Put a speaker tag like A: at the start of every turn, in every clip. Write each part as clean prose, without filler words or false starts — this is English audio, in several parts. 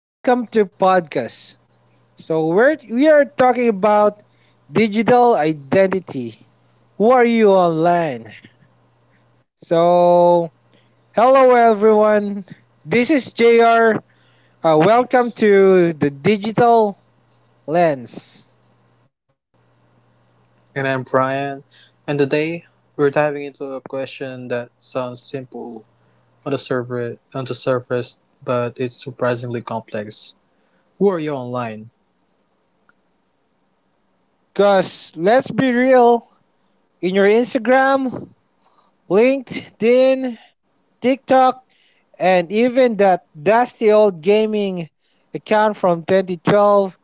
A: welcome to podcast. We are talking about digital identity. Who are you online? So hello everyone. This is JR. Welcome to the digital lens.
B: And I'm Brian, and today we're diving into a question that sounds simple on the surface, but it's surprisingly complex. Who are you online?
A: Cause let's be real, in your Instagram, LinkedIn, TikTok, and even that dusty old gaming account from 2012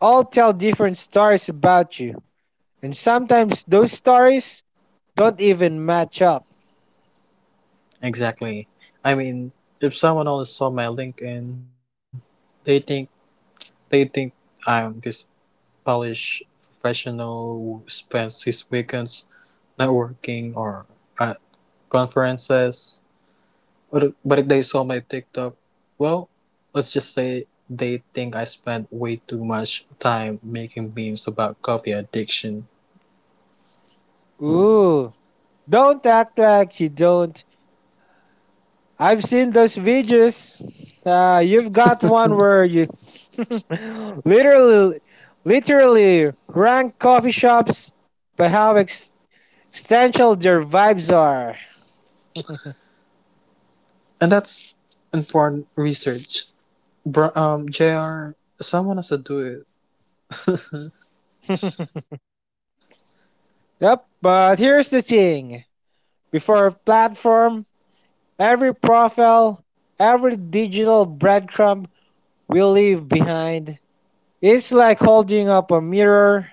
A: all tell different stories about you, and sometimes those stories don't even match up.
B: Exactly. I mean, if someone only saw my LinkedIn, they think they think I'm this polished professional who spends his weekends networking or at conferences. Or, but if they saw my TikTok, well, let's just say they think I spent way too much time making memes about coffee addiction.
A: Ooh, don't act like you don't. I've seen those videos. You've got one where you literally, literally rank coffee shops by how existential their vibes are.
B: And that's informed research. JR, someone has to do it
A: Yep, but here's the thing. Before a platform, every profile, every digital breadcrumb we leave behind it's like holding up a mirror,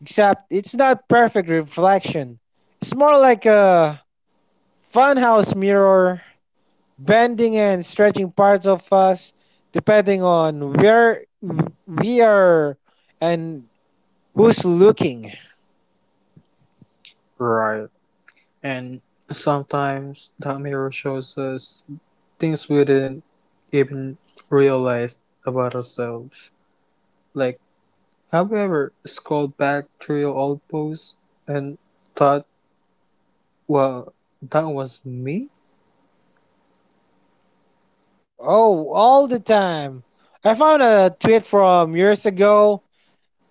A: except it's not perfect reflection. It's more like a funhouse mirror, bending and stretching parts of us depending on where we are and who's looking.
B: right. And sometimes that mirror shows us things we didn't even realize about ourselves. Like, have you ever scrolled back through your old posts and thought, well, that was me?
A: Oh, all the time. I found a tweet from years ago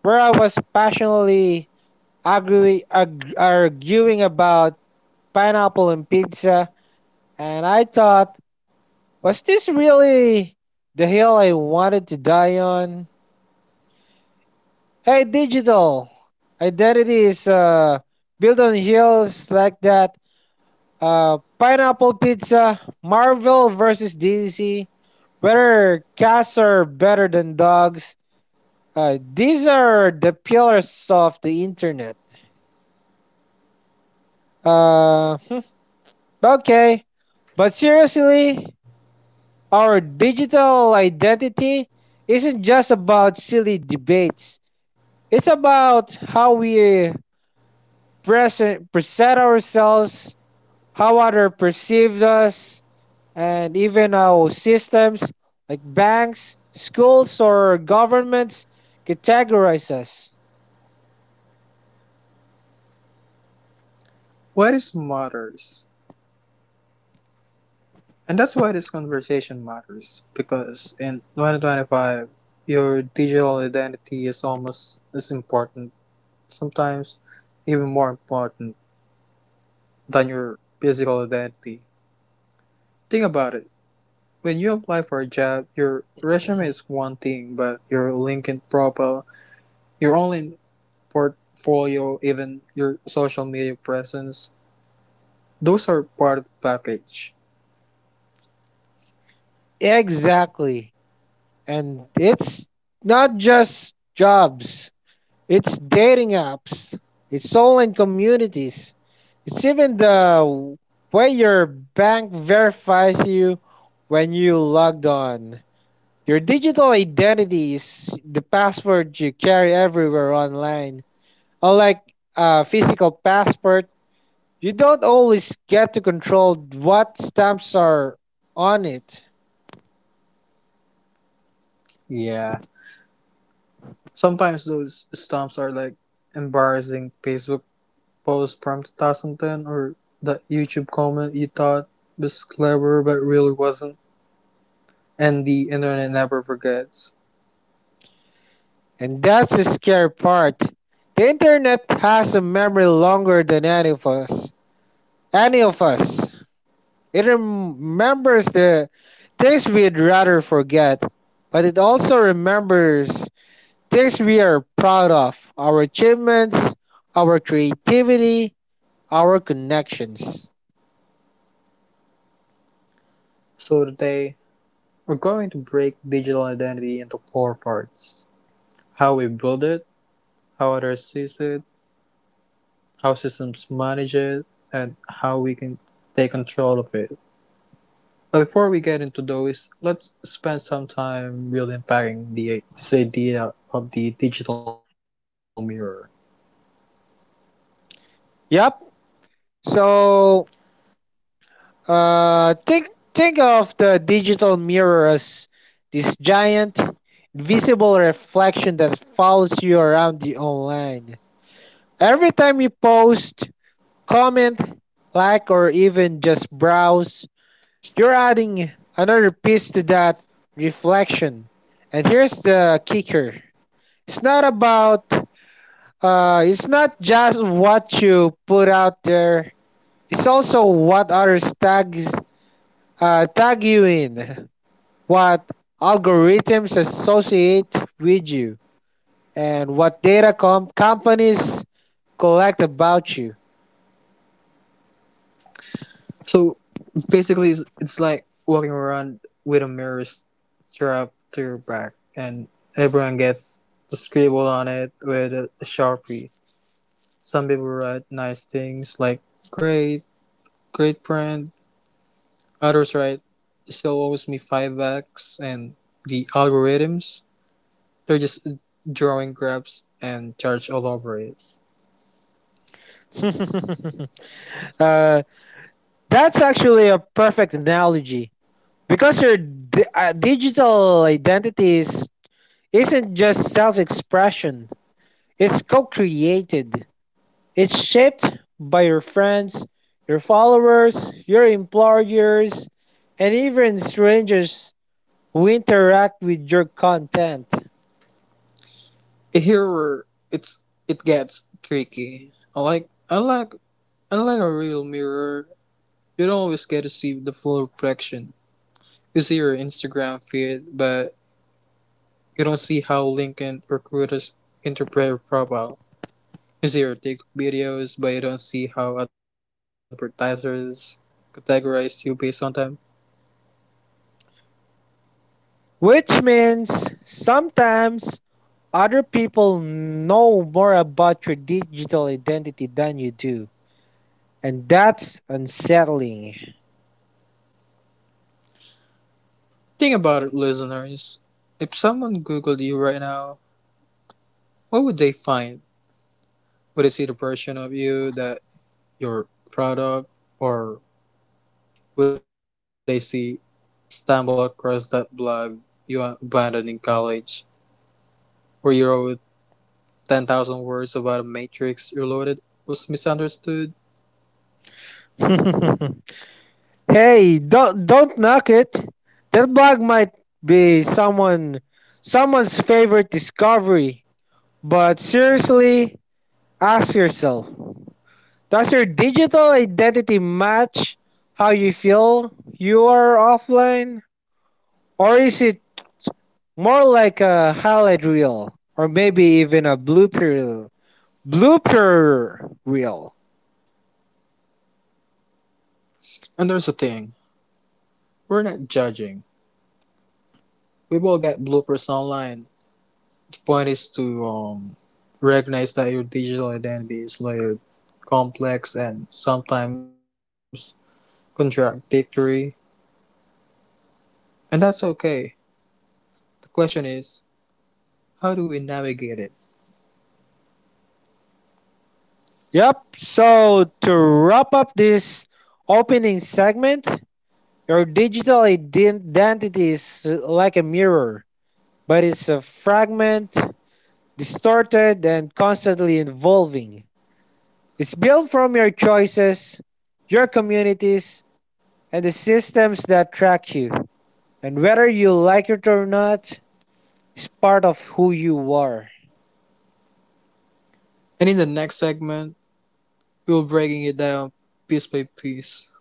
A: where I was passionately arguing about pineapple and pizza, and I thought, was this really the hill I wanted to die on? Hey, digital identity is built on hills like that. Pineapple pizza, Marvel versus DC, whether cats are better than dogs. These are the pillars of the internet. Uh, hmm, okay, but seriously, our digital identity isn't just about silly debates. It's about how we present ourselves how others perceived us, and even how systems like banks, schools, or governments categorize us.
B: Why this matters? And that's why this conversation matters. Because in 2025, your digital identity is almost as important, sometimes even more important than your physical identity. Think about it. When you apply for a job, your resume is one thing, but your LinkedIn profile, your online portfolio, even your social media presence, those are part of the package.
A: Exactly. And it's not just jobs, it's dating apps, it's online communities, it's even the way your bank verifies you when you logged on. Your digital identity is the password you carry everywhere online. Unlike a physical passport, you don't always get to control what stamps are on it.
B: Yeah. Sometimes those stumps are like embarrassing Facebook posts from 2010 or that YouTube comment you thought was clever but really wasn't, and the internet never forgets.
A: And that's the scary part. The internet has a memory longer than any of us. Any of us. It remembers the things we'd rather forget, but it also remembers things we are proud of, our achievements, our creativity, our connections.
B: So today, we're going to break digital identity into four parts: how we build it, how others use it, how systems manage it, and how we can take control of it. But before we get into those, let's spend some time really unpacking the this idea of the digital mirror.
A: Yep. So Uh, think think of the digital mirror as this giant, visible reflection that follows you around the online. Every time you post, comment, like, or even just browse, you're adding another piece to that reflection. And here's the kicker: it's not about it's not just what you put out there. It's also what others tag you in. What algorithms associate with you, and what data companies collect about you.
B: So basically, it's like walking around with a mirror strapped to your back, and everyone gets the scribble on it with a sharpie. Some people write nice things like "great, great friend." Others write "still owes me $5," and the algorithms, they're just drawing grabs and charge all over it.
A: uh, that's actually a perfect analogy because your digital identity isn't just self expression, it's co created, it's shaped by your friends, your followers, your employers, and even strangers who interact with your content,
B: Here it's it gets tricky. I like a real mirror. You don't always get to see the full reflection. You see your Instagram feed, but you don't see how LinkedIn recruiters interpret your profile. You see your TikTok videos, but you don't see how advertisers categorize you based on them.
A: which means sometimes other people know more about your digital identity than you do, and that's unsettling.
B: Think about it, listeners. If someone Googled you right now, what would they find? Would they see the version of you that you're proud of, or would I see, stumble across that blog you abandoned in college, where you wrote 10,000 words about a Matrix Reloaded was misunderstood?
A: hey, don't knock it. That blog might be someone someone's favorite discovery, but seriously, ask yourself, does your digital identity match how you feel you are offline? Or is it more like a highlight reel or maybe even a Blooper reel.
B: And there's a thing, we're not judging. We've all got bloopers online. The point is to recognize that your digital identity is layered, complex, and sometimes contradictory. And that's okay. The question is, how do we navigate it?
A: Yep. So to wrap up this opening segment, your digital identity is like a mirror, but it's a fragment, distorted, and constantly evolving. It's built from your choices, your communities, and the systems that track you. And whether you like it or not, is part of who you are.
B: And in the next segment, we will breaking it down piece by piece.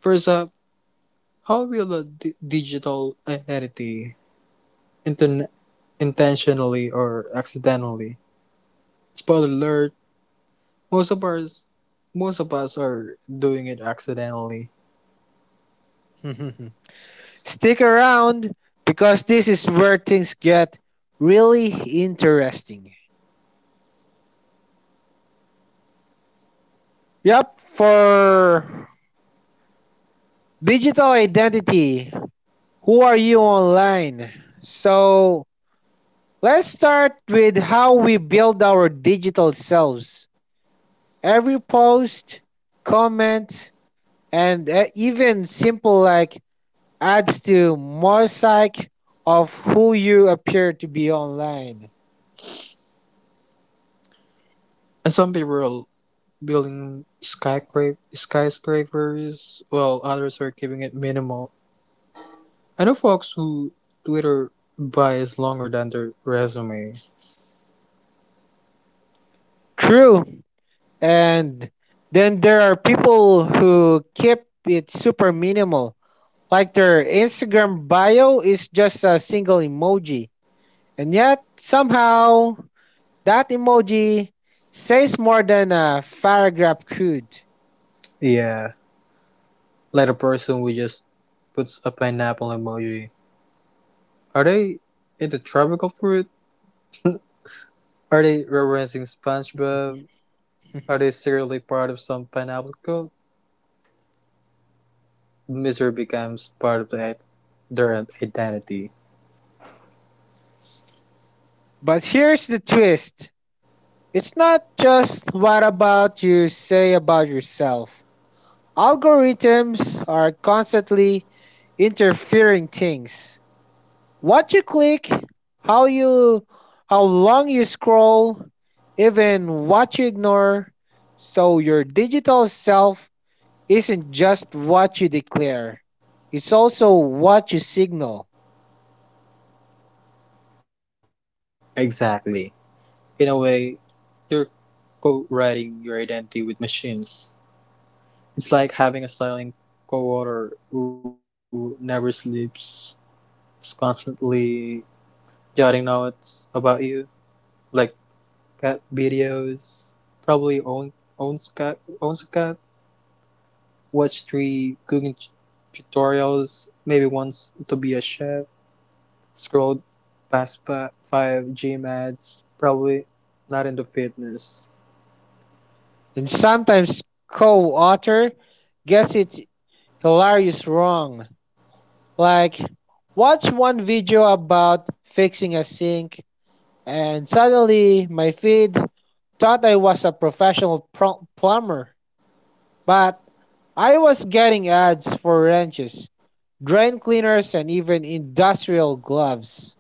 B: First up, how will a digital identity inten- intentionally or accidentally? Spoiler alert: most of us, most of us are doing it accidentally,
A: Stick around because this is where things get really interesting. Yep, for digital identity, who are you online? So let's start with how we build our digital selves. Every post, comment, and even simple like adds to mosaic of who you appear to be online.
B: and some people are building skyscrapers, while others are keeping it minimal. I know folks who Twitter bias longer than their resume.
A: True. And then there are people who keep it super minimal. Like their Instagram bio is just a single emoji. And yet somehow that emoji says more than a paragraph could.
B: Yeah, like a person who just puts a pineapple emoji. Are they into tropical fruit? Are they referencing SpongeBob? Are they secretly part of some pineapple cult? Misery becomes part of their identity.
A: But here's the twist. It's not just what about you say about yourself. Algorithms are constantly interfering things. What you click, how you how long you scroll, even what you ignore. So your digital self isn't just what you declare. It's also what you signal.
B: Exactly. In a way, you're co-writing your identity with machines. It's like having a silent co-author who never sleeps, is constantly jotting notes about you, like cat videos. Probably own, owns cat, Owns a cat, watch three cooking tutorials, maybe once to be a chef, scrolled past five gym ads, probably not into fitness.
A: And sometimes co-author gets it hilarious wrong. Like watch one video about fixing a sink and suddenly my feed thought I was a plumber, but I was getting ads for wrenches, drain cleaners, and even industrial gloves.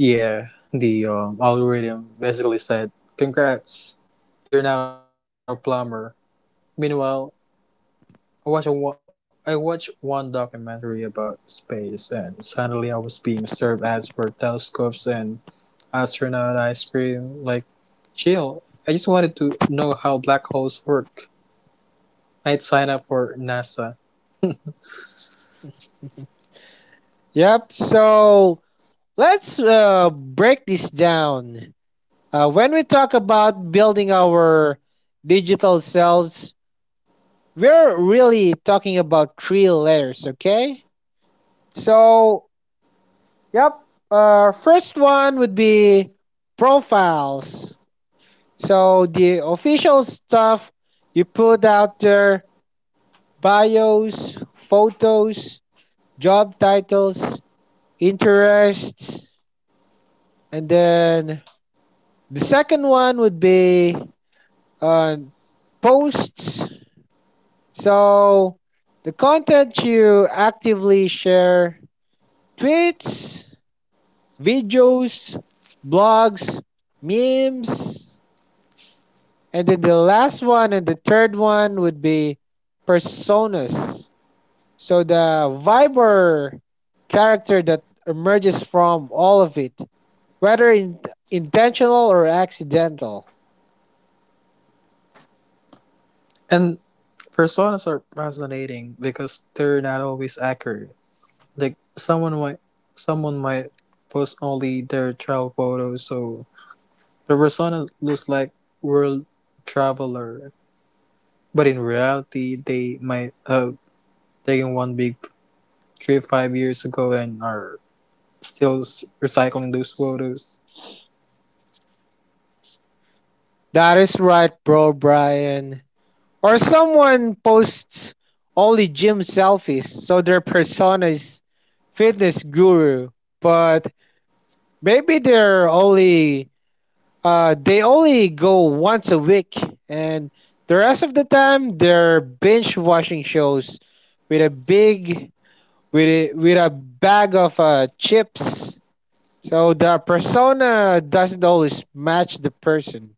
B: Yeah, the algorithm basically said, congrats, you're now a plumber. Meanwhile, I watched, a, I watched one documentary about space, and suddenly I was being served ads for telescopes and astronaut ice cream. Like, Jill, I just wanted to know how black holes work. I'd sign up for NASA.
A: Yep, so let's break this down. When we talk about building our digital selves, we're really talking about three layers, okay? So yep. First one would be profiles. So the official stuff you put out there: bios, photos, job titles, interests, and then the second one would be uh, posts. So the content you actively share: tweets, videos, blogs, memes, and then the last one and the third one would be personas. So the Viber character that emerges from all of it, whether intentional or accidental.
B: And personas are fascinating because they're not always accurate. Like someone might post only their travel photos so the persona looks like world traveler. But in reality they might have taken one big trip 5 years ago and are still recycling those photos.
A: That is right, bro, Brian. Or someone posts only gym selfies, so their persona is fitness guru. But maybe they're only they only go once a week, and the rest of the time they're binge watching shows with a with a bag of chips. So the persona doesn't always match the person.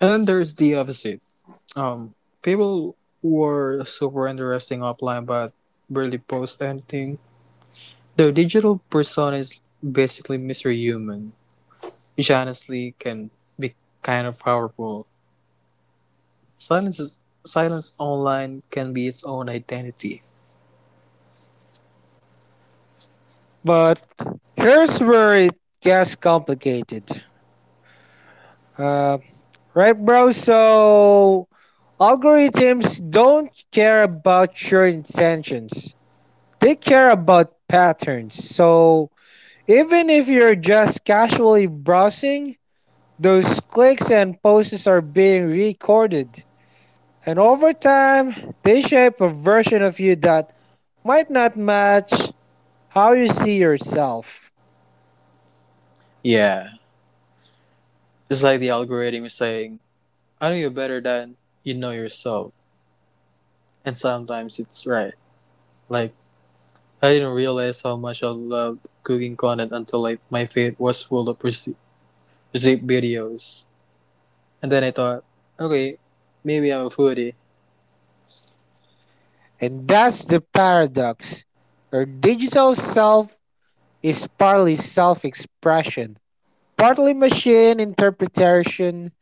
B: And then there's the opposite. Um, People were super interesting offline but barely post anything. Their digital persona is basically Mr. Human, which honestly can be kind of powerful. Silence is Silence online can be its own identity.
A: But here's where it gets complicated. Uh, Right, bro? So algorithms don't care about your intentions. They care about patterns. So even if you're just casually browsing, those clicks and posts are being recorded. And over time, they shape a version of you that might not match how you see yourself.
B: Yeah. It's like the algorithm is saying, I know you better than you know yourself. And sometimes it's right. Like I didn't realize how much I loved cooking content until like my feed was full of recipe videos. And then I thought, okay, maybe I'm a foodie.
A: And that's the paradox. Your digital self is partly self expression partly machine interpretation.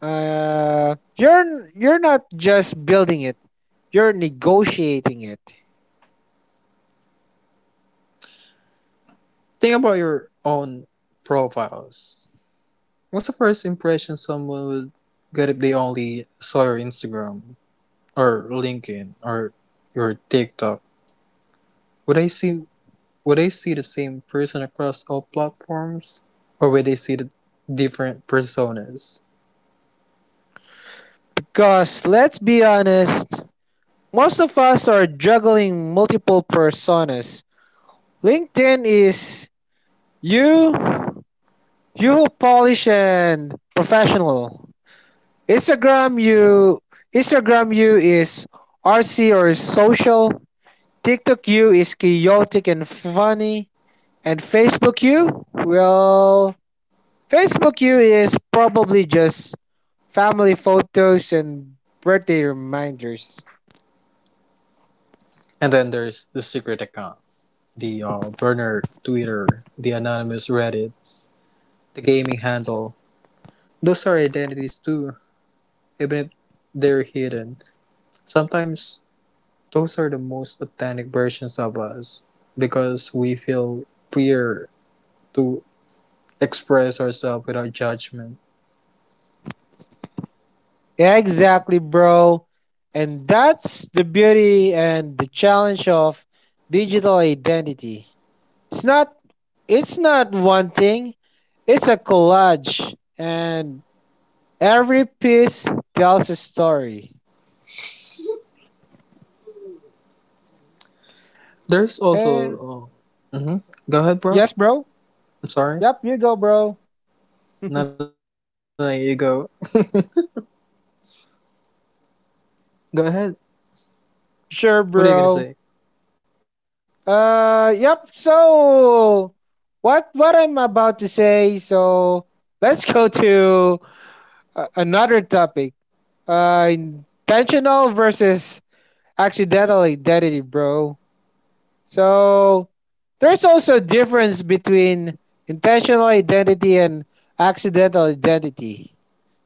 A: Uh, you're you're not just building it; you're negotiating it.
B: Think about your own profiles. What's the first impression someone would get if they only saw your Instagram or LinkedIn or your TikTok? Would I see would I see the same person across all platforms? Or would they see the different personas?
A: Because let's be honest, most of us are juggling multiple personas. LinkedIn is you you polish and professional. Instagram you Instagram you is RC or social. TikTok you is chaotic and funny. And Facebook you is probably just family photos and birthday reminders.
B: And then there's the secret account. The burner Twitter, the anonymous Reddit, the gaming handle. Those are identities too, even if they're hidden. Sometimes those are the most authentic versions of us because we feel freer to express ourselves without judgment.
A: Exactly, bro. And that's the beauty and the challenge of digital identity. It's not it's not one thing, it's a collage and every piece tells a story.
B: There's
A: And
B: also. Mm-hmm. Go ahead, bro.
A: yes, bro.
B: I'm
A: Yep,
B: sorry.
A: you go, bro.
B: No, no, no, you go. Go ahead.
A: Sure, bro.
B: What are you gonna say?
A: So what I'm about to say, so let's go to another topic. Intentional versus accidental identity, bro. So there's also a difference between intentional identity and accidental identity.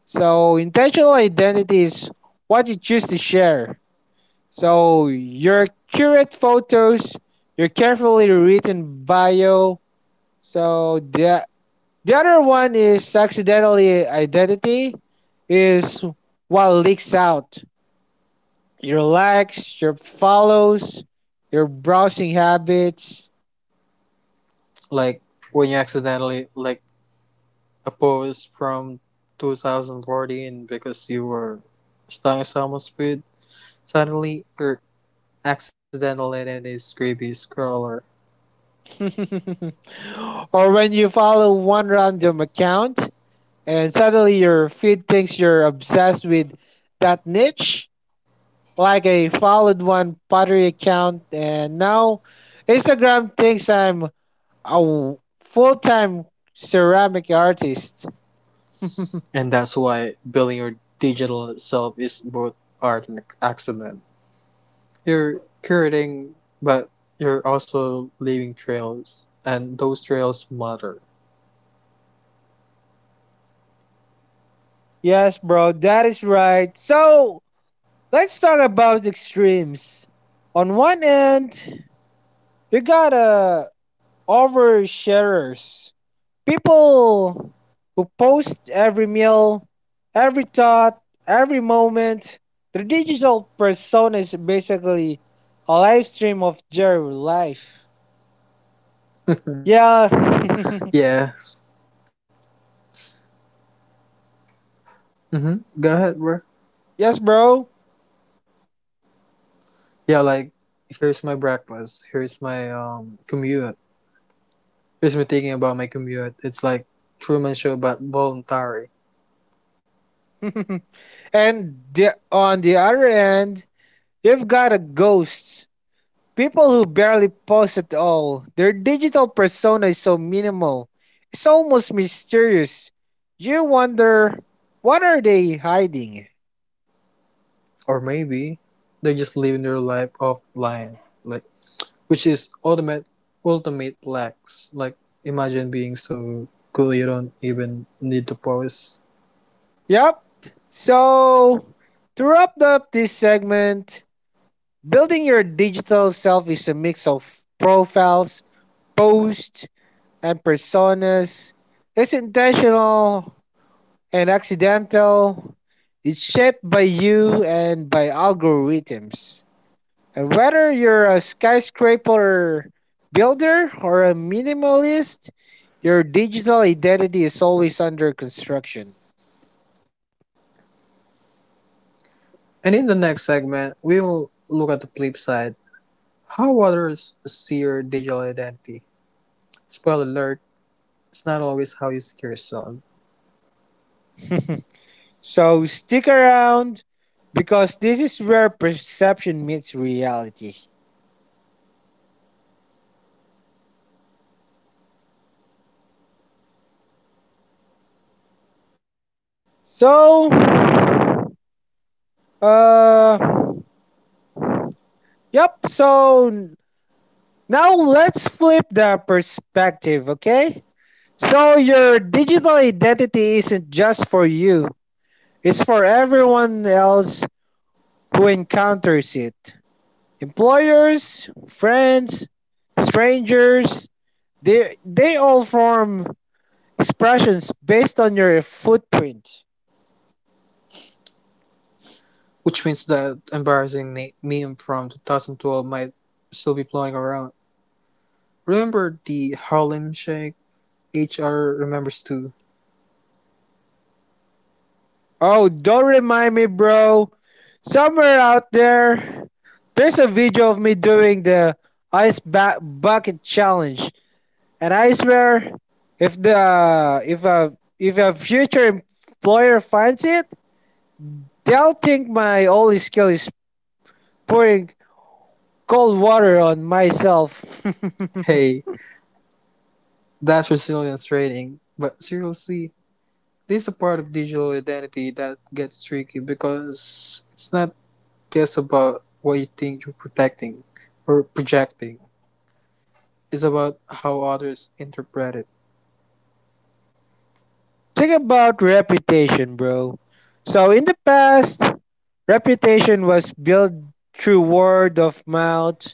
A: So intentional identity is what you choose to share. So your curate photos, your carefully written bio. So the other one is accidentally identity is what leaks out. Your likes, your follows, your browsing habits.
B: Like, when you accidentally like a post from 2014 because you were stung someone's feed, suddenly you're accidentally in a creepy scroller.
A: or when you follow one random account and suddenly your feed thinks you're obsessed with that niche. Like I followed one pottery account, and now Instagram thinks I'm a full time ceramic artist.
B: And that's why building your digital self is both art and accident. You're curating, but you're also leaving trails, and those trails matter.
A: Yes, bro, that is right. So let's talk about extremes. On one end, you got oversharers People who post every meal, every thought, every moment. Their digital persona is basically a live stream of their life. Yeah.
B: Yeah. Mm-hmm. Go ahead, bro.
A: yes, bro.
B: Yeah, like here's my breakfast. Here's my commute. Here's me thinking about my commute. It's like Truman Show, but voluntary.
A: On the other end, you've got a ghost. People who barely post at all. Their digital persona is so minimal. It's almost mysterious. You wonder, what are they hiding?
B: Or maybe they're just living their life offline. Like, which is ultimate lax, like imagine being so cool you don't even need to pose.
A: Yep. So, to wrap up this segment, building your digital self is a mix of profiles, posts, and personas. It's intentional and accidental. It's shaped by you and by algorithms. And whether you're a skyscraper builder or a minimalist, your digital identity is always under construction.
B: And in the next segment we will look at the flip side, how others see your digital identity. Spoiler alert, it's not always how you see yourself.
A: So stick around because this is where perception meets reality. So, uh, yep. So n- now let's flip the perspective, okay? So your digital identity isn't just for you, it's for everyone else who encounters it. Employers, friends, strangers, they all form expressions based on your footprint.
B: Which means that embarrassing meme from 2012 might still be floating around. Remember the Harlem Shake? HR remembers too.
A: Oh, don't remind me, bro. Somewhere out there, there's a video of me doing the bucket challenge, and I swear, if a future employer finds it, they'll think my only skill is pouring cold water on myself.
B: Hey, that's resilience rating, but seriously, this is a part of digital identity that gets tricky because it's not just about what you think you're protecting or projecting, it's about how others interpret it.
A: Think about reputation, bro. So in the past, reputation was built through word of mouth,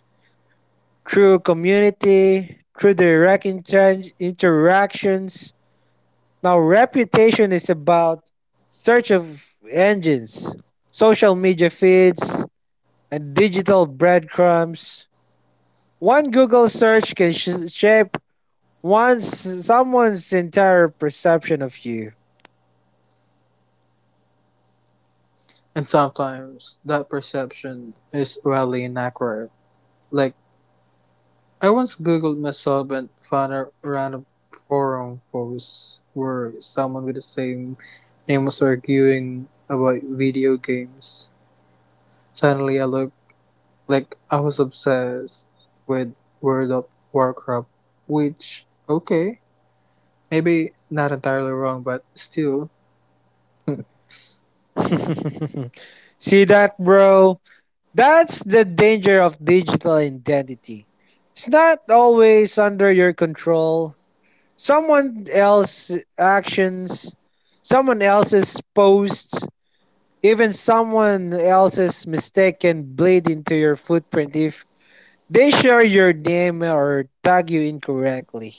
A: through community, through direct interactions, now, reputation is about search of engines, social media feeds, and digital breadcrumbs. One Google search can shape one's someone's entire perception of you.
B: And sometimes that perception is wildly inaccurate. Like, I once googled myself and found a random forum post where someone with the same name was arguing about video games. Suddenly, I looked like I was obsessed with World of Warcraft, which okay, maybe not entirely wrong, but still,
A: See that, bro? That's the danger of digital identity. It's not always under your control. Someone else's actions, someone else's posts, even someone else's mistake can bleed into your footprint if they share your name or tag you incorrectly.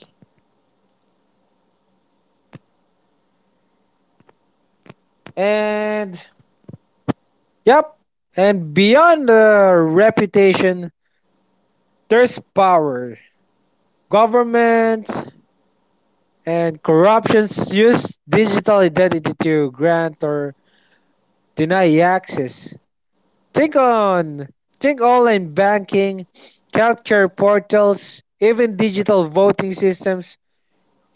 A: And yep, and beyond the reputation, there's power. Government and corruptions use digital identity to grant or deny access. Think on think online banking, healthcare portals, even digital voting systems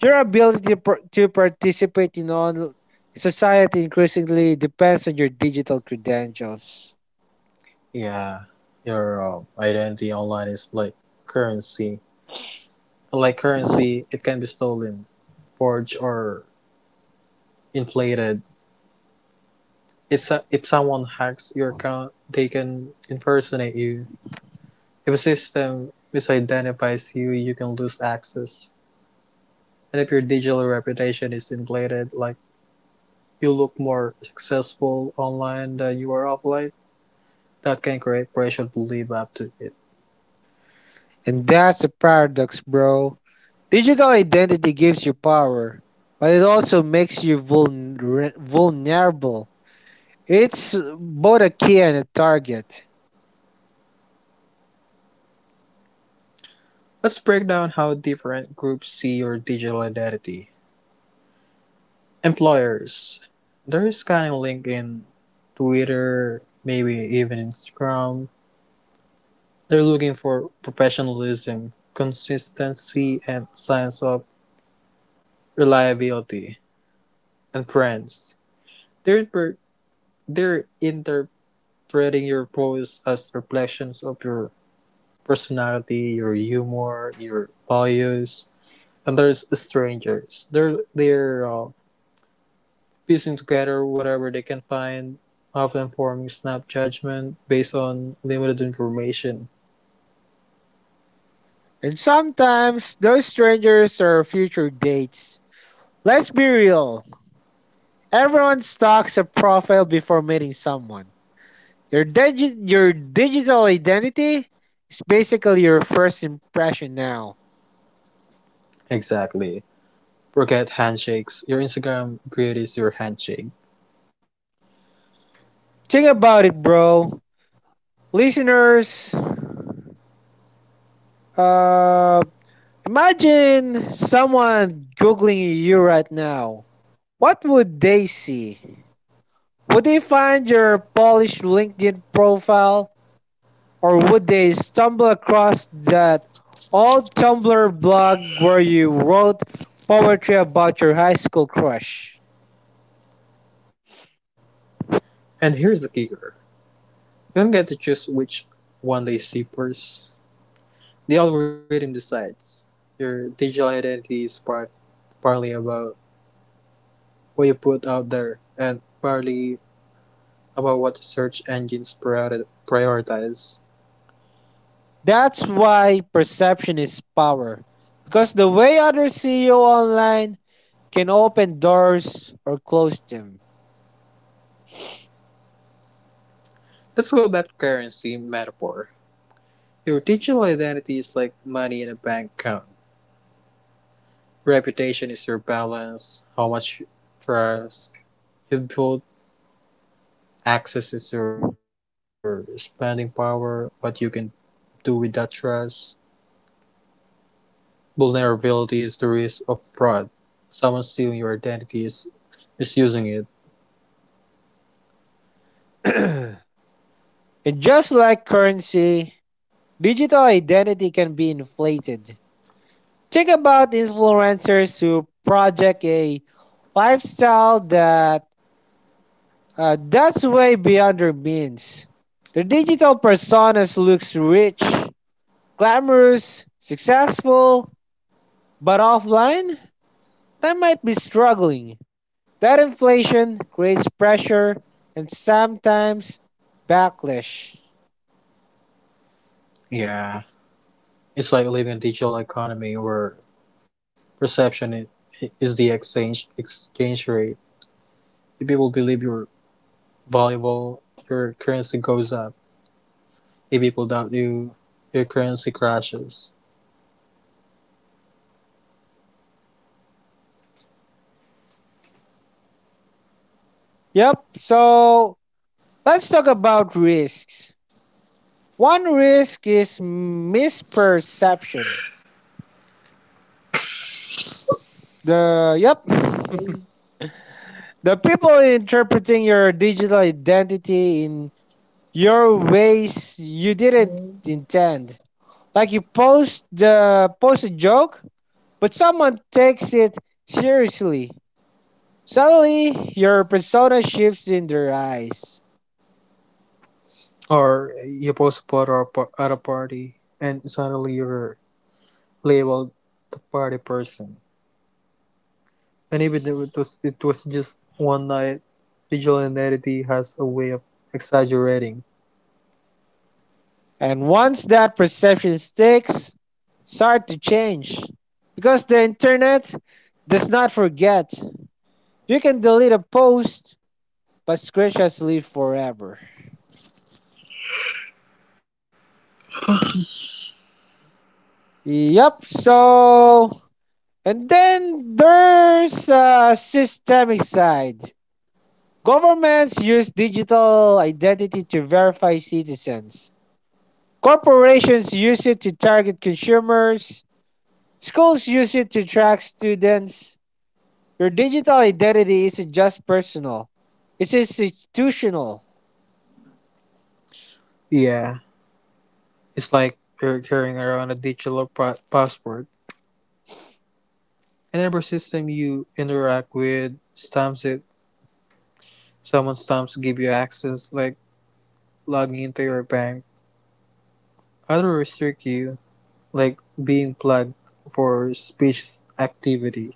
A: Your ability to, to participate in on society increasingly depends on your digital credentials.
B: yeah, your identity online is like currency. Like currency, it can be stolen, forged, or inflated. If someone hacks your account, they can impersonate you. If a system misidentifies you, you can lose access. And if your digital reputation is inflated, like you look more successful online than you are offline. That can create pressure to live up to it.
A: And that's a paradox, bro. Digital identity gives you power, but it also makes you vulnerable. It's both a key and a target.
B: Let's break down how different groups see your digital identity. Employers, they're scanning LinkedIn, Twitter, maybe even Instagram. They're looking for professionalism, consistency, and signs of reliability. And friends. They're, they're interpreting your posts as reflections of your personality, your humor, your values, and there's strangers. They're piecing together whatever they can find, often forming snap judgment based on limited information.
A: And sometimes those strangers are future dates. Let's be real. Everyone stalks a profile before meeting someone. Your digital identity is basically your first impression now.
B: Exactly. Forget handshakes. Your Instagram grid is your handshake.
A: Think about it, bro. Listeners, uh imagine someone googling you right now. What would they see? Would they find your polished LinkedIn profile, or would they stumble across that old Tumblr blog where you wrote poetry about your high school crush?
B: And here's the kicker: you don't get to choose which one they see first. The algorithm decides. Your digital identity is partly about what you put out there and partly about what search engines prioritize.
A: That's why perception is power. Because the way others see you online can open doors or close them.
B: Let's go back to currency metaphor. Your digital identity is like money in a bank account. Reputation is your balance, how much trust you build, access is your spending power, what you can do with that trust. Vulnerability is the risk of fraud. Someone stealing your identity is misusing it.
A: And just like currency, digital identity can be inflated. Think about influencers who project a lifestyle that's way beyond their means. Their digital personas looks rich, glamorous, successful, but offline that might be struggling. That inflation creates pressure and sometimes backlash.
B: Yeah. It's like living in a digital economy where Perception i- is the exchange rate. If people believe you're valuable, your currency goes up. If people doubt you, your currency crashes.
A: Yep, so let's talk about risks. One risk is misperception. The yep. The people interpreting your digital identity in your ways you didn't intend. Like you post the post a joke, but someone takes it seriously. Suddenly, your persona shifts in their eyes.
B: Or you post a photo at a party, and suddenly you're labeled the party person. And even though it was just one night, digital identity has a way of exaggerating.
A: And once that perception sticks, start to change. Because the internet does not forget. You can delete a post, but screenshots live forever. Yup, so. And then there's a systemic side. Governments use digital identity to verify citizens. Corporations use it to target consumers. Schools use it to track students. Your digital identity isn't just personal, it's institutional.
B: Yeah, it's like you're carrying around a digital passport. And every system you interact with stamps it. Someone stamps give you access, like logging into your bank. Others restrict you, like being plugged for suspicious activity.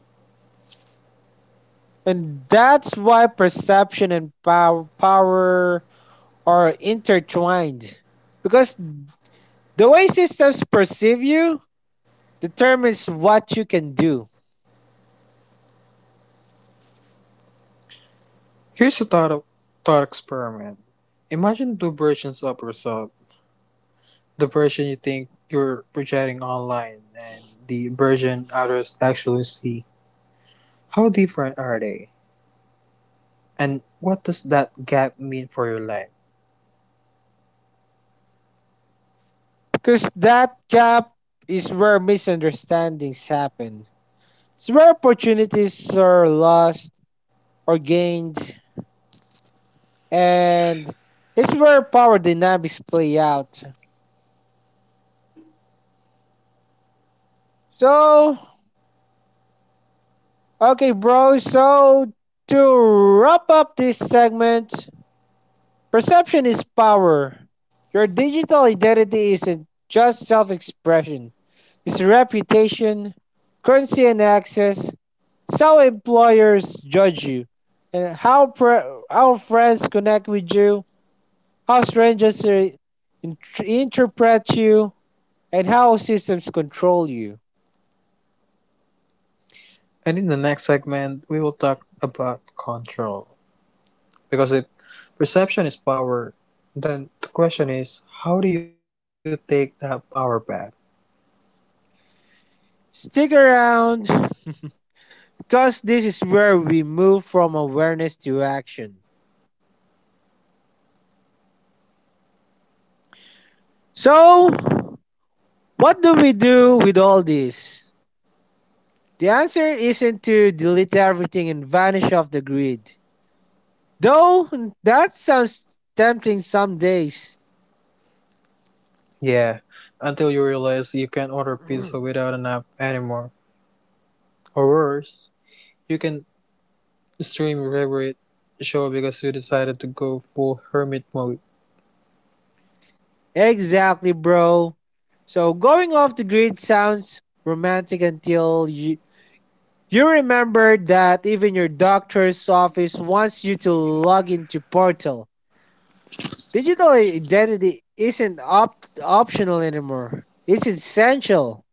A: And that's why power are intertwined. Because the way systems perceive you determines what you can do.
B: Here's a thought experiment. Imagine two versions of yourself. The version you think you're projecting online and the version others actually see. How different are they? And what does that gap mean for your life?
A: Because that gap is where misunderstandings happen, it's where opportunities are lost or gained, and it's where power dynamics play out. So, okay, bro, so to wrap up this segment, perception is power. Your digital identity isn't just self expression, it's reputation, currency, and access. It's how employers judge you, and how friends connect with you, how strangers int- interpret you, and how systems control you.
B: And in the next segment, we will talk about control. Because if perception is power, then the question is how do you take that power back?
A: Stick around because this is where we move from awareness to action. So, what do we do with all this? The answer isn't to delete everything and vanish off the grid. Though that sounds tempting some days.
B: Yeah, until you realize you can't order pizza without an app anymore. Or worse, you can stream your favorite show because you decided to go full hermit mode.
A: Exactly, bro. So, going off the grid sounds romantic until you remember that even your doctor's office wants you to log into Portal. Digital identity isn't op- optional anymore. It's essential.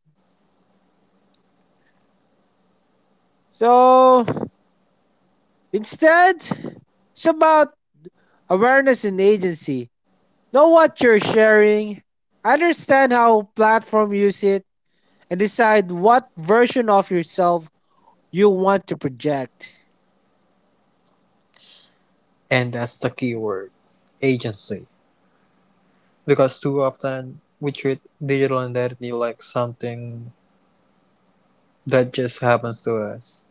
A: So instead, it's about awareness and agency. Know what you're sharing, understand how platform use it, and decide what version of yourself you want to project.
B: And that's the key word, agency. Because too often we treat digital identity like something that just happens to us.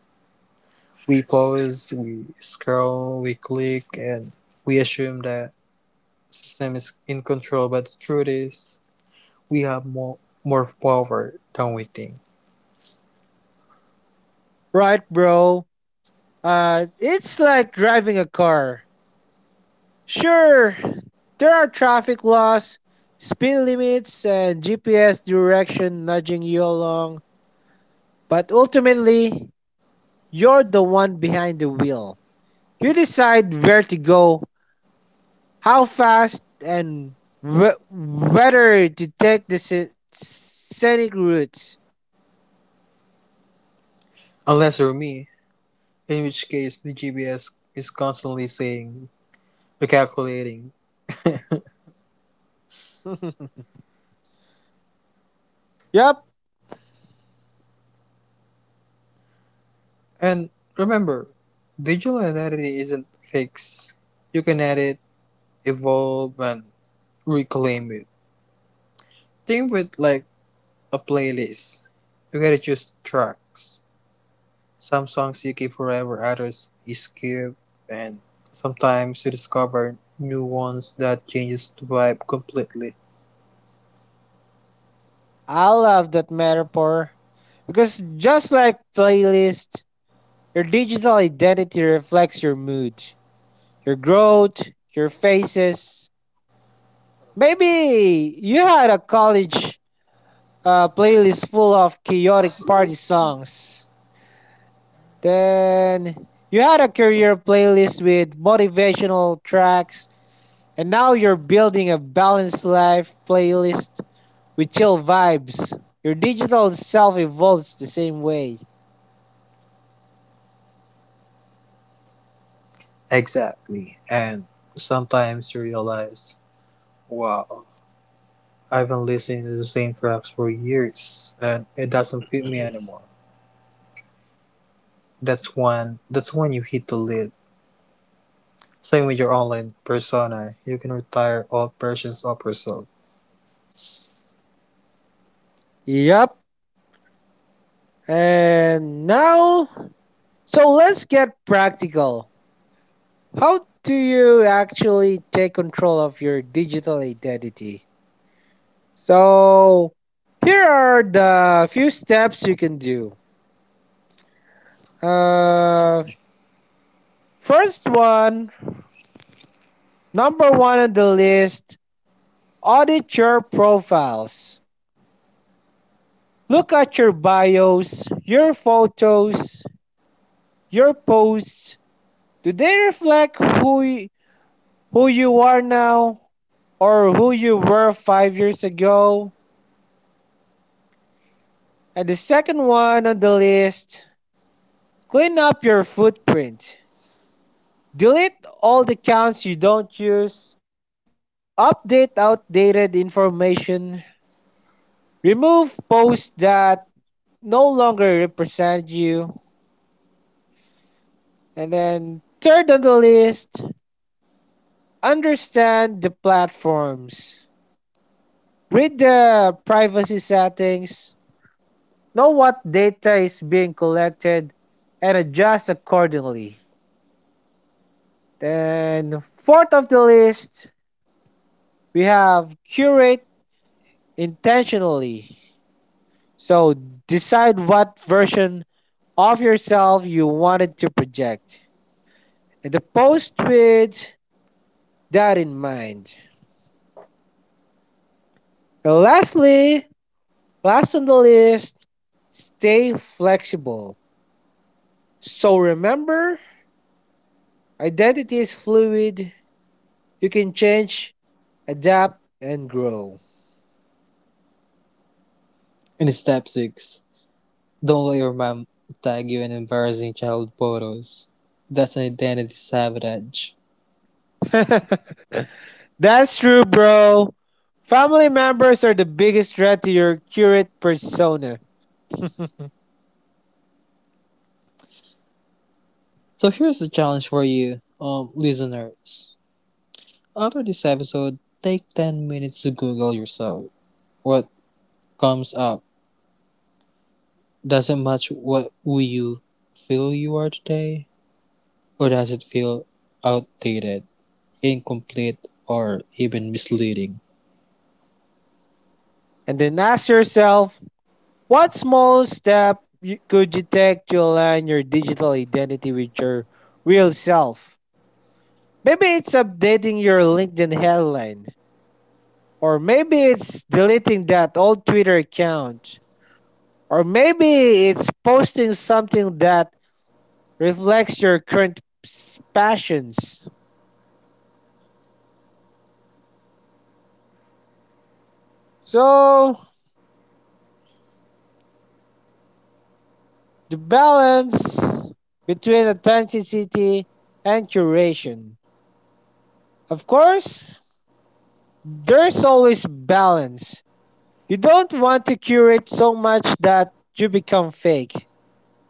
B: We pause, we scroll, we click, and we assume that system is in control. But the truth is, we have more power than we think.
A: Right, bro. It's like driving a car. Sure, there are traffic laws, speed limits, and GPS direction nudging you along, but ultimately, you're the one behind the wheel. You decide where to go, how fast, and whether to take the scenic route.
B: Unless you're me, in which case the GBS is constantly saying, recalculating.
A: Yup,
B: And remember, digital identity isn't fixed. You can edit, evolve, and reclaim it. Think of it like a playlist. You gotta choose tracks. Some songs you keep forever, others you skip, and sometimes you discover new ones that changes the vibe completely.
A: I love that metaphor. Because just like playlist, your digital identity reflects your mood, your growth, your faces. Maybe you had a college playlist full of chaotic party songs. Then you had a career playlist with motivational tracks. And now you're building a balanced life playlist with chill vibes. Your digital self evolves the same way.
B: Exactly. And sometimes you realize, wow, I've been listening to the same tracks for years and it doesn't fit me anymore. That's when you hit the lid. Same with your online persona, you can retire old versions of yourself.
A: Yep. And now, so let's get practical. How do you actually take control of your digital identity? So, here are the few steps you can do. Uh, first one, number one on the list, audit your profiles. Look at your bios, your photos, your posts. Do they reflect who you are now or who you were 5 years ago? And the second one on the list, clean up your footprint. Delete all the accounts you don't use, update outdated information, remove posts that no longer represent you. And then, third on the list, understand the platforms. Read the privacy settings, know what data is being collected, and adjust accordingly. Then, fourth of the list, we have curate intentionally. So, decide what version of yourself you wanted to project and the post with that in mind. And lastly, last on the list, stay flexible. So remember, identity is fluid. You can change, adapt, and grow.
B: In step six, don't let your mom tag you in embarrassing child photos. That's an identity sabotage.
A: That's true, bro. Family members are the biggest threat to your curate persona.
B: So here's the challenge for you, listeners. After this episode, take 10 minutes to Google yourself. What comes up? Does it match what who you feel you are today? Or does it feel outdated, incomplete, or even misleading?
A: And then ask yourself what small step could you take to align your digital identity with your real self? Maybe it's updating your LinkedIn headline, or maybe it's deleting that old Twitter account, or maybe it's posting something that reflects your current passions. So, the balance between authenticity and curation. Of course, there's always balance. You don't want to curate so much that you become fake,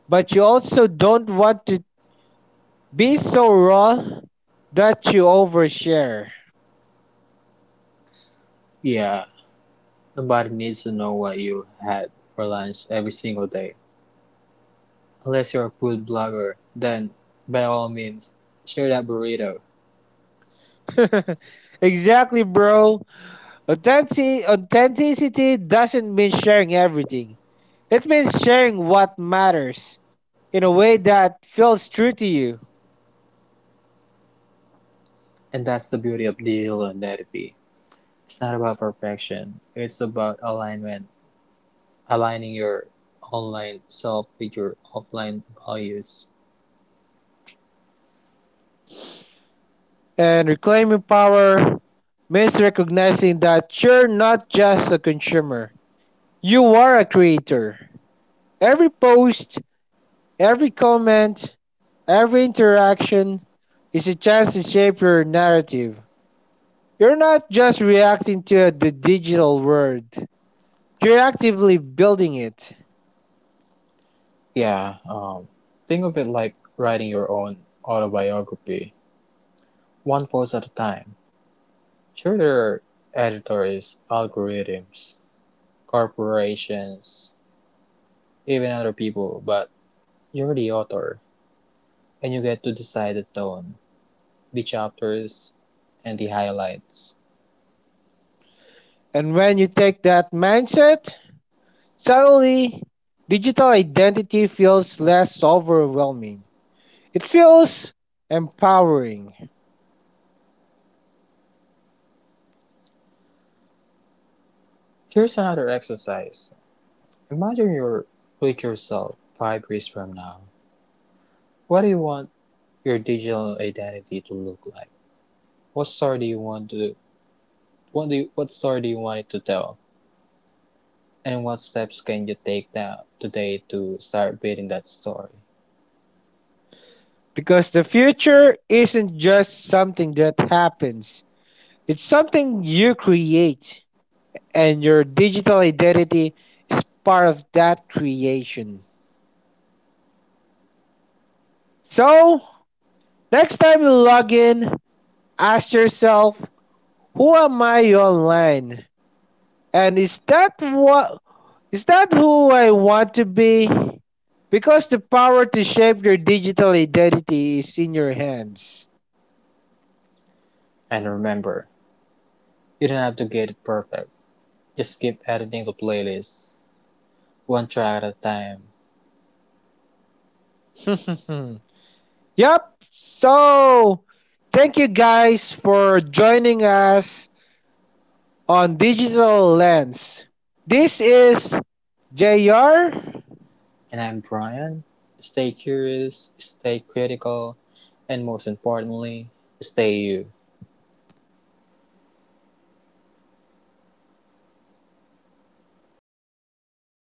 A: but you also don't want to be so raw that you overshare.
B: Yeah, nobody needs to know what you had for lunch every single day. Unless you're a food blogger, then by all means share that burrito.
A: Exactly, bro. Authenticity doesn't mean sharing everything. It means sharing what matters in a way that feels true to you.
B: And that's the beauty of digital identity. It's not about perfection. It's about alignment, aligning your online self with your offline values.
A: And reclaiming power means recognizing that you're not just a consumer, you are a creator. Every post, every comment, every interaction is a chance to shape your narrative. You're not just reacting to the digital world, you're actively building it.
B: Yeah, think of it like writing your own autobiography, one post at a time. Sure, there are editors, algorithms, corporations, even other people, but you're the author and you get to decide the tone, the chapters, and the highlights.
A: And when you take that mindset, suddenly digital identity feels less overwhelming. It feels empowering
B: Here's another exercise. Imagine your future self 5 years from now. What do you want your digital identity to look like? What story do you want to what story do you want it to tell? And what steps can you take now today to start building that story?
A: because the future isn't just something that happens, it's something you create, and your digital identity is part of that creation. So, next time you log in, ask yourself, who am I online? And is that what, is that who I want to be? Because the power to shape your digital identity is in your hands.
B: And remember, you don't have to get it perfect. Just keep editing the playlist, one track at a time.
A: Yep. So, thank you guys for joining us on Digital Lens. This is JR.
B: And I'm Brian. Stay curious, stay critical, and most importantly, stay you.